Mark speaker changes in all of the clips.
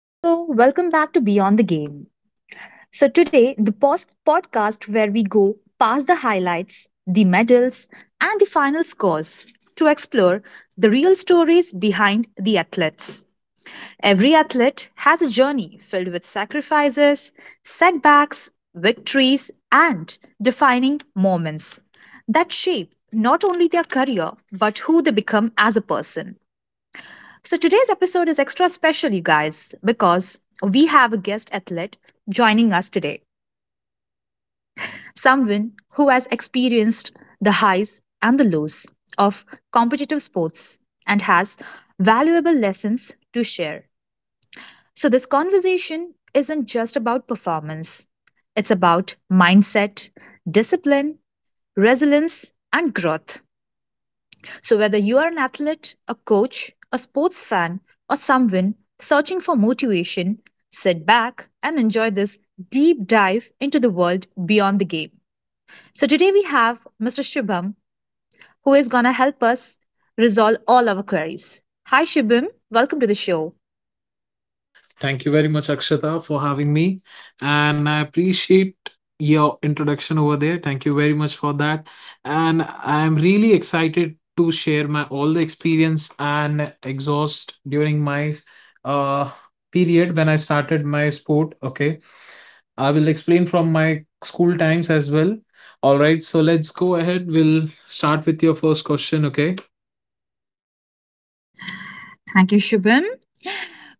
Speaker 1: Hello, welcome back to Beyond the Game. So, today, the post podcast where we go past the highlights, the medals, and the final scores to explore the real stories behind the athletes. Every athlete has a journey filled with sacrifices, setbacks, victories, and defining moments that shape not only their career but who they become as a person. So today's episode is extra special, you guys, because we have a guest athlete joining us today. Someone who has experienced the highs and the lows of competitive sports and has valuable lessons to share. So this conversation isn't just about performance. It's about mindset, discipline, resilience, and growth. So, whether you are an athlete, a coach, a sports fan, or someone searching for motivation, sit back and enjoy this deep dive into the world beyond the game. So, today we have Mr. Shubham who is going to help us resolve all our queries. Hi, Shubham. Welcome to the show.
Speaker 2: Thank you very much, Akshata, for having me. And I appreciate your introduction over there. Thank you very much for that. And I am really excited to share my all the experience and exhaust during my uh period when I started my sport. Okay. I will explain from my school times as well. All right. So let's go ahead. We'll start with your first question. Okay.
Speaker 1: Thank you, Shubham.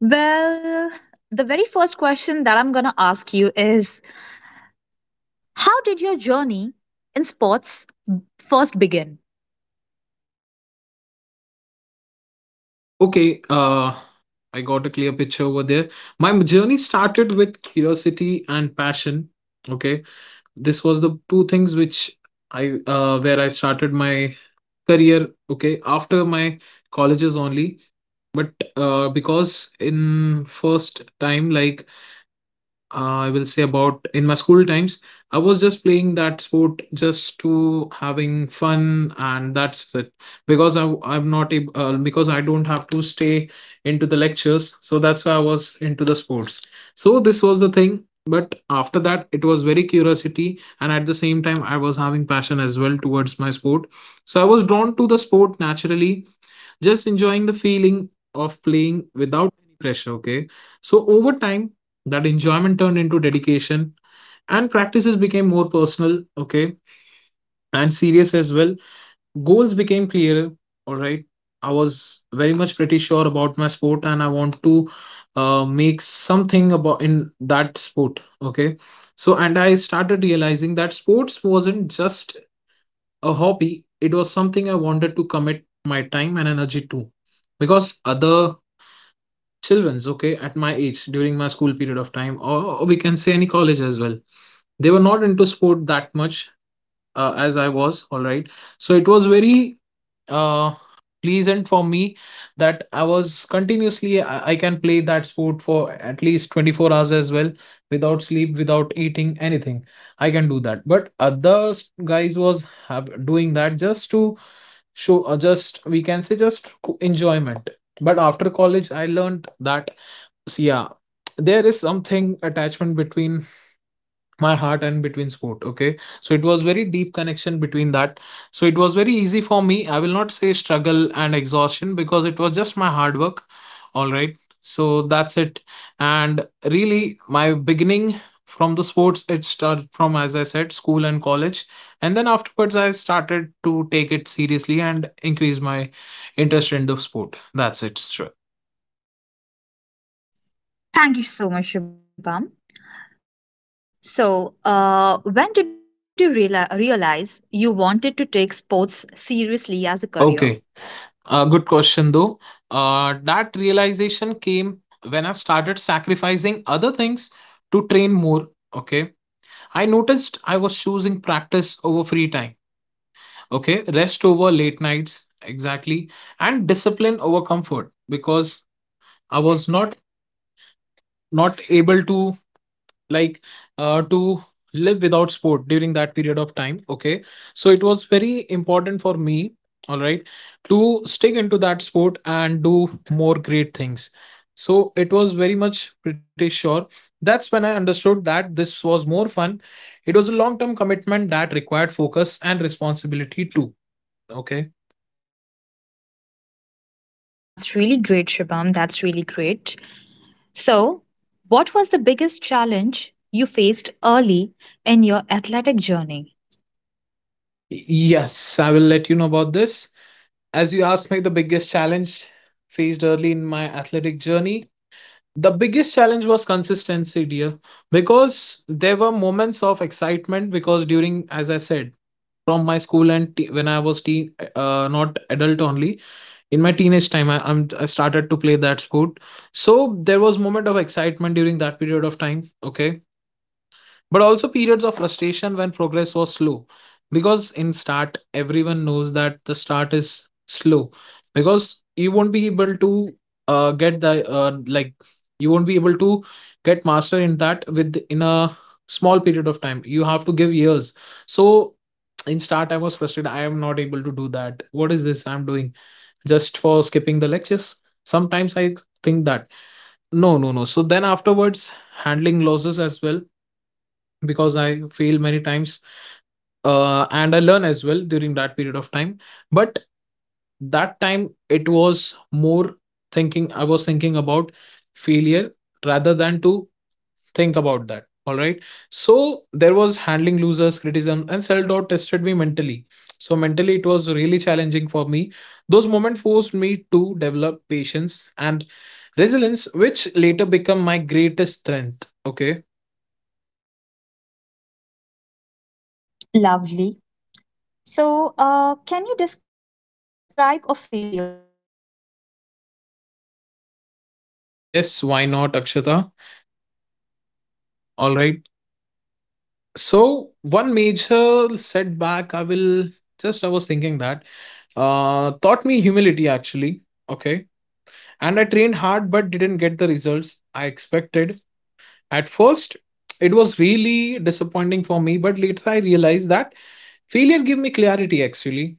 Speaker 1: Well, the very first question that I'm going to ask you is, how did your journey in sports first begin?
Speaker 2: Okay. I got a clear picture over there. My journey started with curiosity and passion. Okay, this was the two things which I where I started my career. Okay, after my colleges only, but because in first time like I will say about in my school times, I was just playing that sport just to having fun, and that's it. Because I'm not able because I don't have to stay into the lectures, so that's why I was into the sports. So this was the thing. But after that, it was very curiosity, and at the same time, I was having passion as well towards my sport. So I was drawn to the sport naturally, just enjoying the feeling of playing without any pressure. Okay, so over time that enjoyment turned into dedication and practices became more personal. Okay, and serious as well. Goals became clearer. All right, I was very much pretty sure about my sport and I want to make something about in that sport. Okay, so and I started realizing that sports wasn't just a hobby, it was something I wanted to commit my time and energy to because other childrens, okay, at my age during my school period of time, or we can say any college as well. They were not into sport that much as I was, all right. So it was very uh, pleasant for me that I was continuously, I can play that sport for at least 24 hours as well without sleep, without eating anything. I can do that. But other guys was have, doing that just to show, just we can say just enjoyment. But after college, I learned that so yeah, there is something attachment between my heart and between sport. Okay, so it was very deep connection between that. So it was very easy for me. I will not say struggle and exhaustion because it was just my hard work. All right, so that's it. And really, my beginning from the sports it started from as I said school and college, and then afterwards I started to take it seriously and increase my interest in the sport. That's it. Sure.
Speaker 1: Thank you so much, Shubham. So, when did you realize you wanted to take sports seriously as a career?
Speaker 2: Okay. Good question though. That realization came when I started sacrificing other things to train more. Okay. I noticed I was choosing practice over free time. Okay. Rest over late nights. Exactly. And discipline over comfort because I was not able to like to live without sport during that period of time. Okay, so it was very important for me. All right, to stick into that sport and do more great things. So it was very much pretty sure. That's when I understood that this was more fun. It was a long term commitment that required focus and responsibility too. Okay.
Speaker 1: That's really great, Shubham. That's really great. So, what was the biggest challenge you faced early in your athletic journey?
Speaker 2: Yes, I will let you know about this. As you asked me the biggest challenge faced early in my athletic journey, the biggest challenge was consistency, dear, because there were moments of excitement because during, as I said, from my school and when I was teen, not adult only, in my teenage time, I started to play that sport. So there was moment of excitement during that period of time. Okay, but also periods of frustration when progress was slow because in start everyone knows that the start is slow because you won't be able to get the like you won't be able to get master in that with in a small period of time, you have to give years. So in start I was frustrated, I am not able to do that, what is this I'm doing just for skipping the lectures, sometimes I think that no, no, no. So then afterwards handling losses as well because I fail many times and I learn as well during that period of time. But that time it was more thinking, I was thinking about failure rather than to think about that. All right. So there was handling losers, criticism, and self doubt tested me mentally. So mentally, it was really challenging for me. Those moments forced me to develop patience and resilience, which later become my greatest strength. Okay.
Speaker 1: Lovely. So, can you describe a failure or setback that actually changed you as an athlete?
Speaker 2: Yes, why not, Akshata? All right. So one major setback I will just I was thinking that taught me humility actually. Okay. And I trained hard but didn't get the results I expected. At first, it was really disappointing for me, but later I realized that failure gave me clarity actually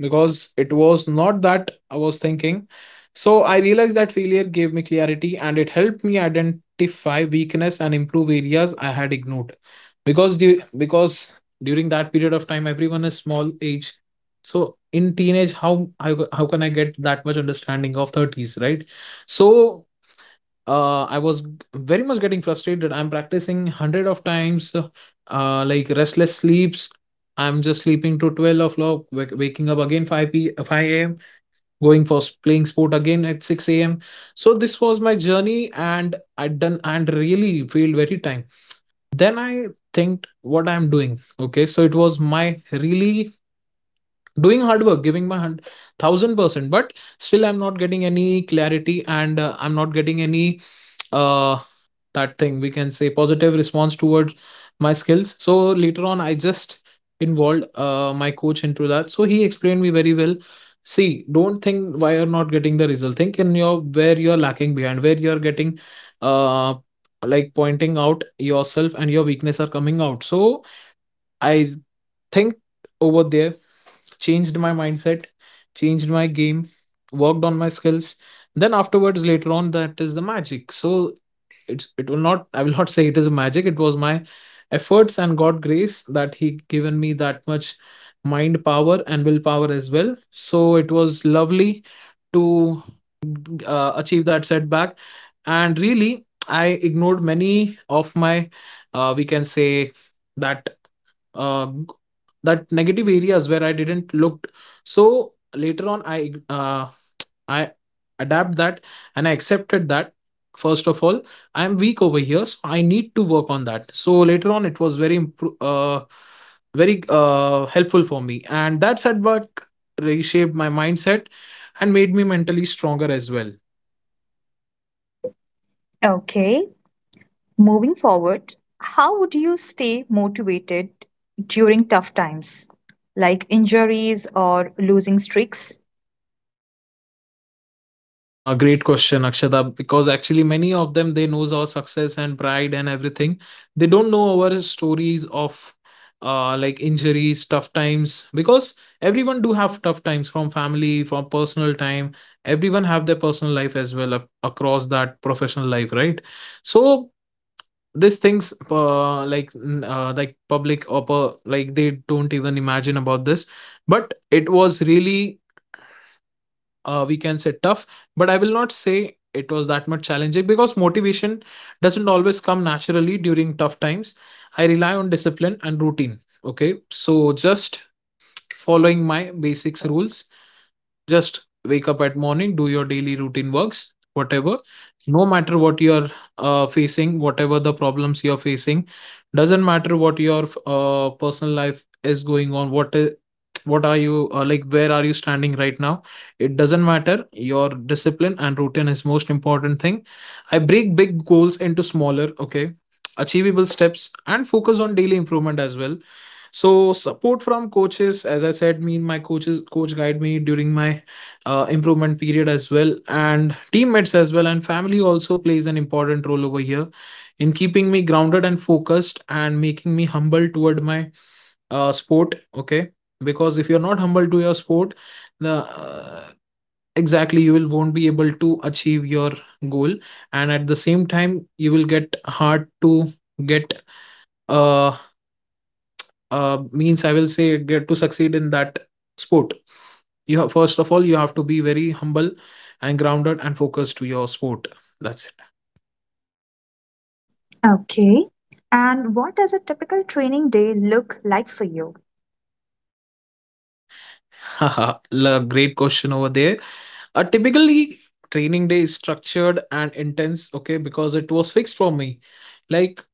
Speaker 2: because it was not that I was thinking. So I realized that failure gave me clarity and it helped me identify weakness and improve areas I had ignored because because during that period of time everyone is small age, so in teenage how I, how can I get that much understanding of 30s, right? So I was very much getting frustrated, I'm practicing 100 of times like restless sleeps, I'm just sleeping to 12 o'clock, waking up again 5 a.m., going for playing sport again at 6 a.m. So this was my journey and I done and really feel very time. Then I think what I'm doing. Okay, so it was my really doing hard work, giving my 100,000%, but still I'm not getting any clarity and I'm not getting any uh, that thing we can say positive response towards my skills. So later on I just involved my coach into that, so he explained me very well. See, don't think why you're not getting the result, think in your where you're lacking behind, where you're getting uh like pointing out yourself and your weakness are coming out. So I think over there changed my mindset, changed my game, worked on my skills, then afterwards later on that is the magic. So it's it will not, I will not say it is a magic, it was my efforts and god grace that he given me that much mind power and willpower as well. So it was lovely to achieve that setback. And really I ignored many of my we can say that uh, that negative areas where I didn't look. So later on I uh, I adapt that and I accepted that first of all, I am weak over here, so I need to work on that. So later on, it was very very helpful for me, and that setback reshaped my mindset and made me mentally stronger as well.
Speaker 1: Okay. Moving forward, how would you stay motivated during tough times, like injuries or losing streaks?
Speaker 2: No, great question, Akshata, because actually many of them they knows our success and pride and everything. They don't know our stories of like injuries, tough times, because everyone do have tough times from family, from personal time. Everyone have their personal life as well across that professional life, right? So these things like public or per, like they don't even imagine about this but it was really we can say tough, but I will not say it was that much challenging because motivation doesn't always come naturally during tough times. I rely on discipline and routine. Okay, so just following my basics rules, just wake up at morning, do your daily routine works, whatever. No matter what you are facing, whatever the problems you are facing, doesn't matter what your personal life is going on. What is, what are you like? Where are you standing right now? It doesn't matter. Your discipline and routine is most important thing. I break big goals into smaller, okay, achievable steps, and focus on daily improvement as well. So support from coaches, as I said, me my coaches coach guide me during my improvement period as well, and teammates as well, and family also plays an important role over here in keeping me grounded and focused and making me humble toward my sport. Okay, because if you're not humble to your sport, the uh, exactly you will won't be able to achieve your goal, and at the same time you will get hard to get uh means I will say get to succeed in that sport. You have, first of all, you have to be very humble and grounded and focused to your sport. That's it.
Speaker 1: Okay. And what does a typical training day look like for you?
Speaker 2: Haha, great question over there. Typically, training day is structured and intense, okay, because it was fixed for me. Like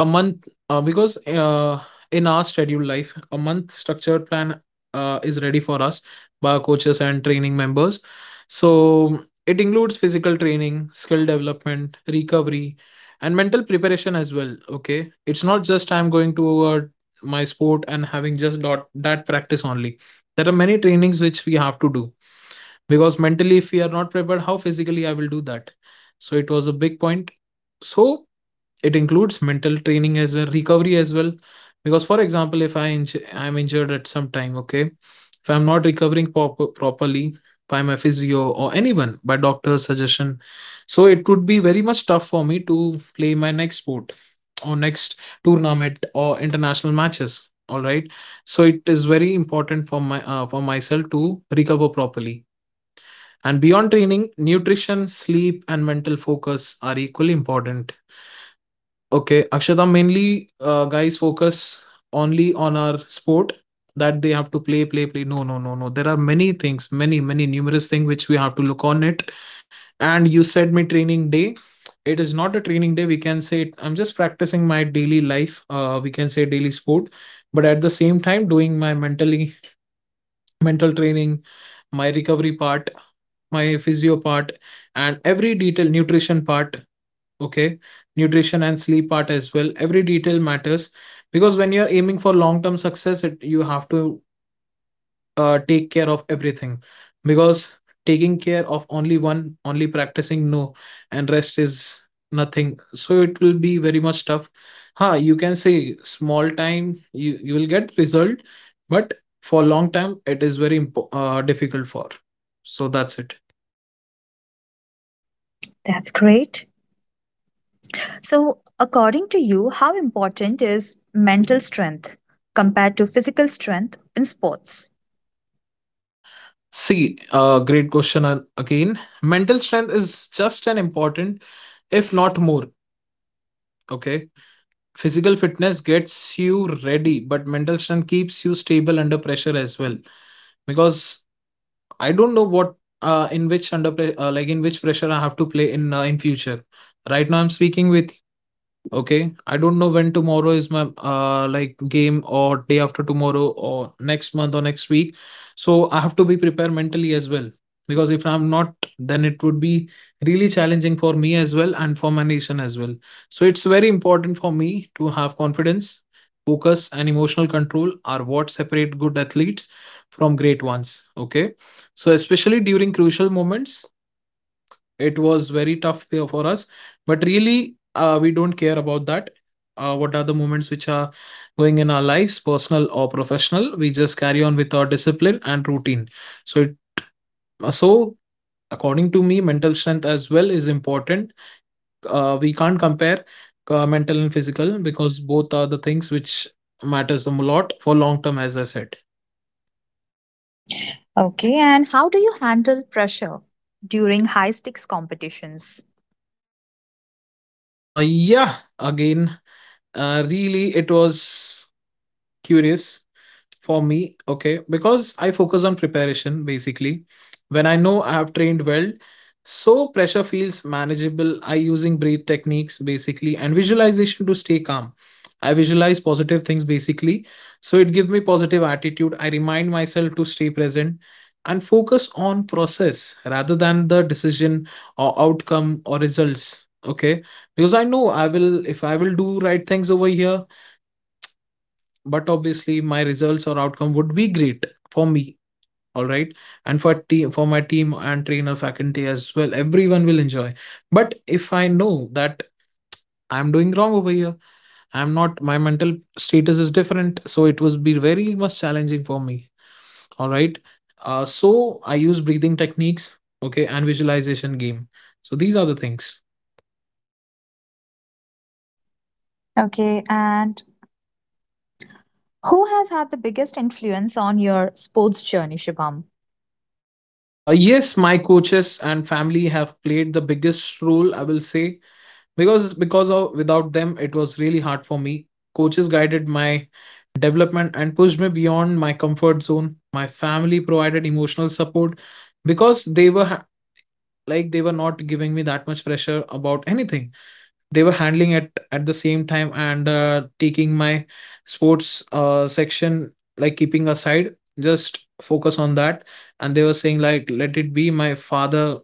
Speaker 2: a month, because in our scheduled life, a month structured plan is ready for us by our coaches and training members. So it includes physical training, skill development, recovery, and mental preparation as well. Okay, it's not just I'm going to my sport and having just dot that practice only. There are many trainings which we have to do because mentally, if we are not prepared, how physically I will do that? So it was a big point. So it includes mental training as well, recovery as well, because for example if I'm injured at some time, okay, if I'm not recovering properly by my physio or anyone, by doctor's suggestion, so it would be very much tough for me to play my next sport or next tournament or international matches, all right? So it is very important for my for myself to recover properly. And beyond training, nutrition, sleep and mental focus are equally important. Okay, Akshata, mainly guys focus only on our sport that they have to play, play, play. No, no, no, no. There are many things, many, many numerous things which we have to look on it. And you said me training day. It is not a training day. We can say it, I'm just practicing my daily life. We can say daily sport, but at the same time doing my mental training, my recovery part, my physio part, and every detail nutrition part. Okay, nutrition and sleep part as well, every detail matters, because when you're aiming for long term success, it, you have to take care of everything, because taking care of only one, only practicing, no, and rest is nothing, so it will be very much tough. Huh, you can say small time you will get result, but for long time it is very difficult for. So that's it.
Speaker 1: That's great. So, according to you, how important is mental strength compared to physical strength in sports?
Speaker 2: See, great question, again, mental strength is just an important, if not more. Okay. Physical fitness gets you ready, but mental strength keeps you stable under pressure as well. Because I don't know what in which under pre- like in which pressure I have to play in future. Right now, I'm speaking with. Okay, I don't know when tomorrow is my like game, or day after tomorrow, or next month or next week. So I have to be prepared mentally as well. Because if I'm not, then it would be really challenging for me as well and for my nation as well. So it's very important for me to have confidence, focus, and emotional control are what separate good athletes from great ones. Okay. So especially during crucial moments, it was very tough for us, but really, we don't care about that. What are the moments which are going in our lives, personal or professional? We just carry on with our discipline and routine. So, so according to me, mental strength as well is important. We can't compare mental and physical, because both are the things which matters a lot for long term, as I said.
Speaker 1: Okay, and how do you handle pressure during high stakes competitions?
Speaker 2: Uh, yeah, again, really, it was curious for me, okay, because I focus on preparation basically. When I know I have trained well, so pressure feels manageable. I using breathe techniques basically and visualization to stay calm. I visualize positive things basically, so it gives me positive attitude. I remind myself to stay present and focus on process rather than the decision or outcome or results. Okay, because I know I will, if I will do right things over here, but obviously my results or outcome would be great for me, all right, and for team, for my team and trainer faculty as well, everyone will enjoy. But if I know that I'm doing wrong over here, I'm not, my mental status is different, so it would be very much challenging for me, all right. So I use breathing techniques, okay, and visualization game. So these are the things.
Speaker 1: Okay, and who has had the biggest influence on your sports journey, Shubham?
Speaker 2: Yes, my coaches and family have played the biggest role, I will say, because of without them it was really hard for me. Coaches guided my development and pushed me beyond my comfort zone. My family provided emotional support because like they were not giving me that much pressure about anything. They were handling it at the same time and taking my sports section like keeping aside, just focus on that. And they were saying, like, let it be, my father,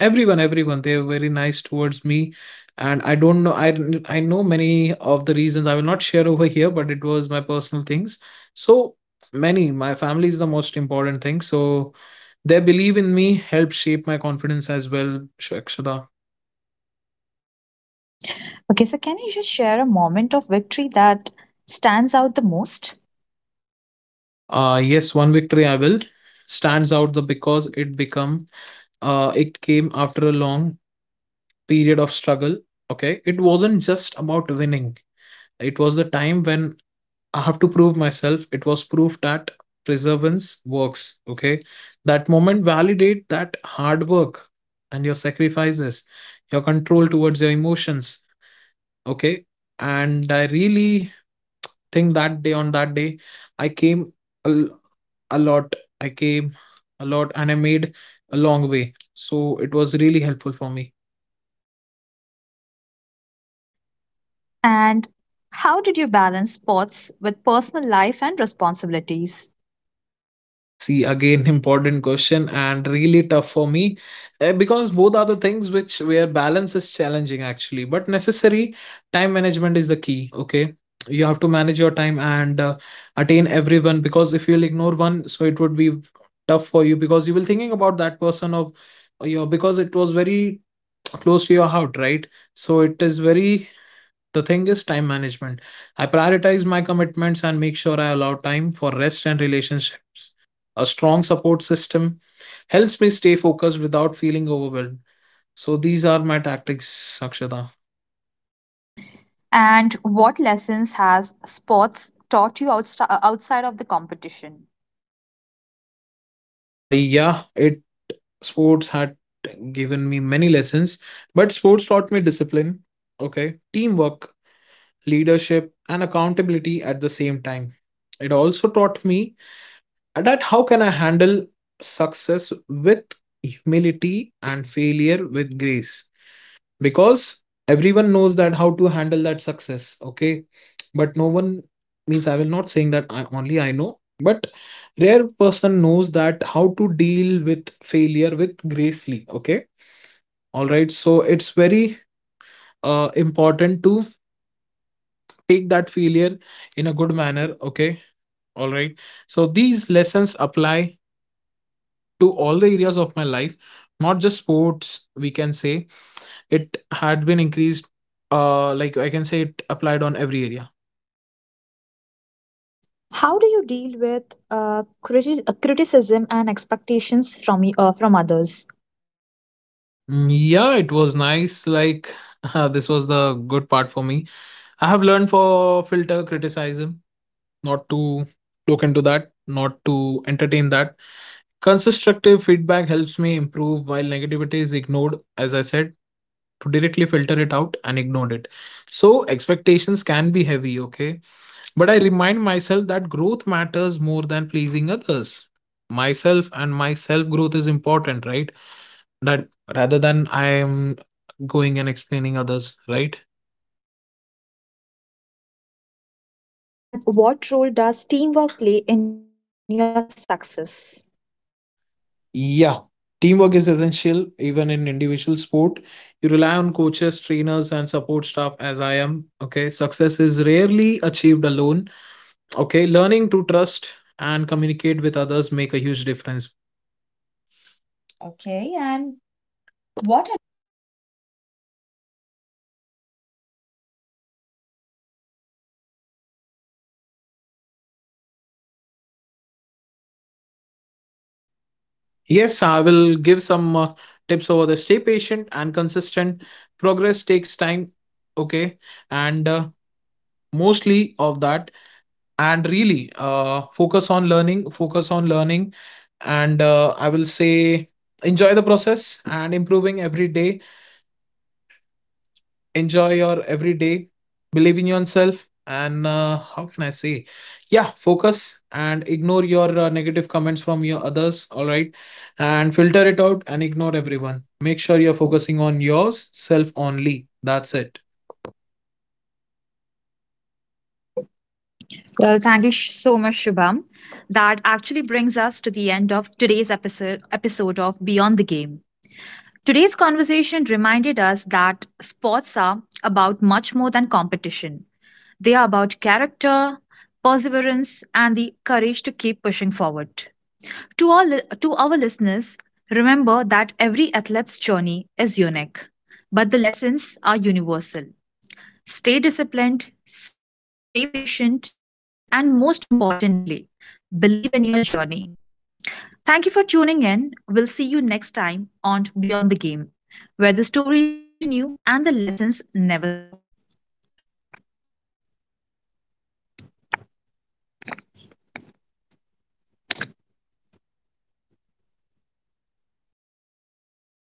Speaker 2: everyone, they were very nice towards me. And I don't know, I know many of the reasons, I will not share over here, but it was my personal things. So many, my family is the most important thing, so their belief in me helped shape my confidence as well, Shakshada.
Speaker 1: Okay, so can you just share a moment of victory that stands out the most?
Speaker 2: Yes, one victory I will stands out the because it become, it came after a long period of struggle. Okay, it wasn't just about winning. It was the time when I have to prove myself. It was proof that perseverance works. Okay, that moment validate that hard work and your sacrifices, your control towards your emotions. Okay, and I really think that day, on that day, I came. al- a lot. I came a lot and I made a long way. So it was really helpful for me.
Speaker 1: And how did you balance sports with personal life and responsibilities?
Speaker 2: See, again, important question and really tough for me, eh, because both are the things which where balance is challenging actually, but necessary. Time management is the key. Okay. You have to manage your time and attain everyone, because if you'll ignore one, so it would be tough for you, because you will thinking about that person of your, because it was very close to your heart, right? So it is very. The thing is time management. I prioritize my commitments and make sure I allow time for rest and relationships. A strong support system helps me stay focused without feeling overwhelmed. So these are my tactics, Sakshata.
Speaker 1: And what lessons has sports taught you outside of the competition?
Speaker 2: Yeah, it, sports had given me many lessons, but sports taught me discipline, okay, teamwork, leadership, and accountability at the same time. It also taught me that how can I handle success with humility and failure with grace? Because everyone knows that how to handle that success, okay? But no one, means I will not saying that I, only I know, but rare person knows that how to deal with failure with gracefully, okay? All right, so it's very important to take that failure in a good manner, okay? All right, so these lessons apply to all the areas of my life, not just sports, we can say. It had been increased, like I can say it applied on every area.
Speaker 1: How do you deal with criticism and expectations from from others?
Speaker 2: Mm, yeah, it was nice. Like, this was the good part for me. I have learned for filter criticism, not to look into that, not to entertain that. Constructive feedback helps me improve while negativity is ignored, as I said, to directly filter it out and ignore it. So expectations can be heavy, okay? But I remind myself that growth matters more than pleasing others. Myself and my self growth is important, right? That rather than I am going and explaining others, right?
Speaker 1: And what role does teamwork play in your success?
Speaker 2: Yeah. Teamwork is essential even in individual sport. You rely on coaches, trainers, and support staff as I am. Okay. Success is rarely achieved alone. Okay, learning to trust and communicate with others make a huge difference. Okay,
Speaker 1: Okay,
Speaker 2: and
Speaker 1: and
Speaker 2: what
Speaker 1: what
Speaker 2: ad-
Speaker 1: advice would you give to young athletes who are just starting out?
Speaker 2: yes, I will give some tips over there. Stay patient and consistent. Progress takes time. Okay. And mostly of that. And really, focus on learning, focus on learning. And I will say enjoy the process and improving every day. Enjoy your every day, believe in yourself, and how can I say? Yeah, focus and ignore your negative comments from your others, all right? And filter it out and ignore everyone. Make sure you're focusing on yours self only. That's it.
Speaker 1: Well, thank you so much, Shubham. That actually brings us to the end of today's episode of Beyond the Game. Today's conversation reminded us that sports are about much more than competition. They are about character, perseverance, and the courage to keep pushing forward. To all to our listeners, remember that every athlete's journey is unique, but the lessons are universal. Stay disciplined, stay patient, and most importantly, believe in your journey. Thank you for tuning in. We'll see you next time on Beyond the Game, where the stories continue and the lessons never stop.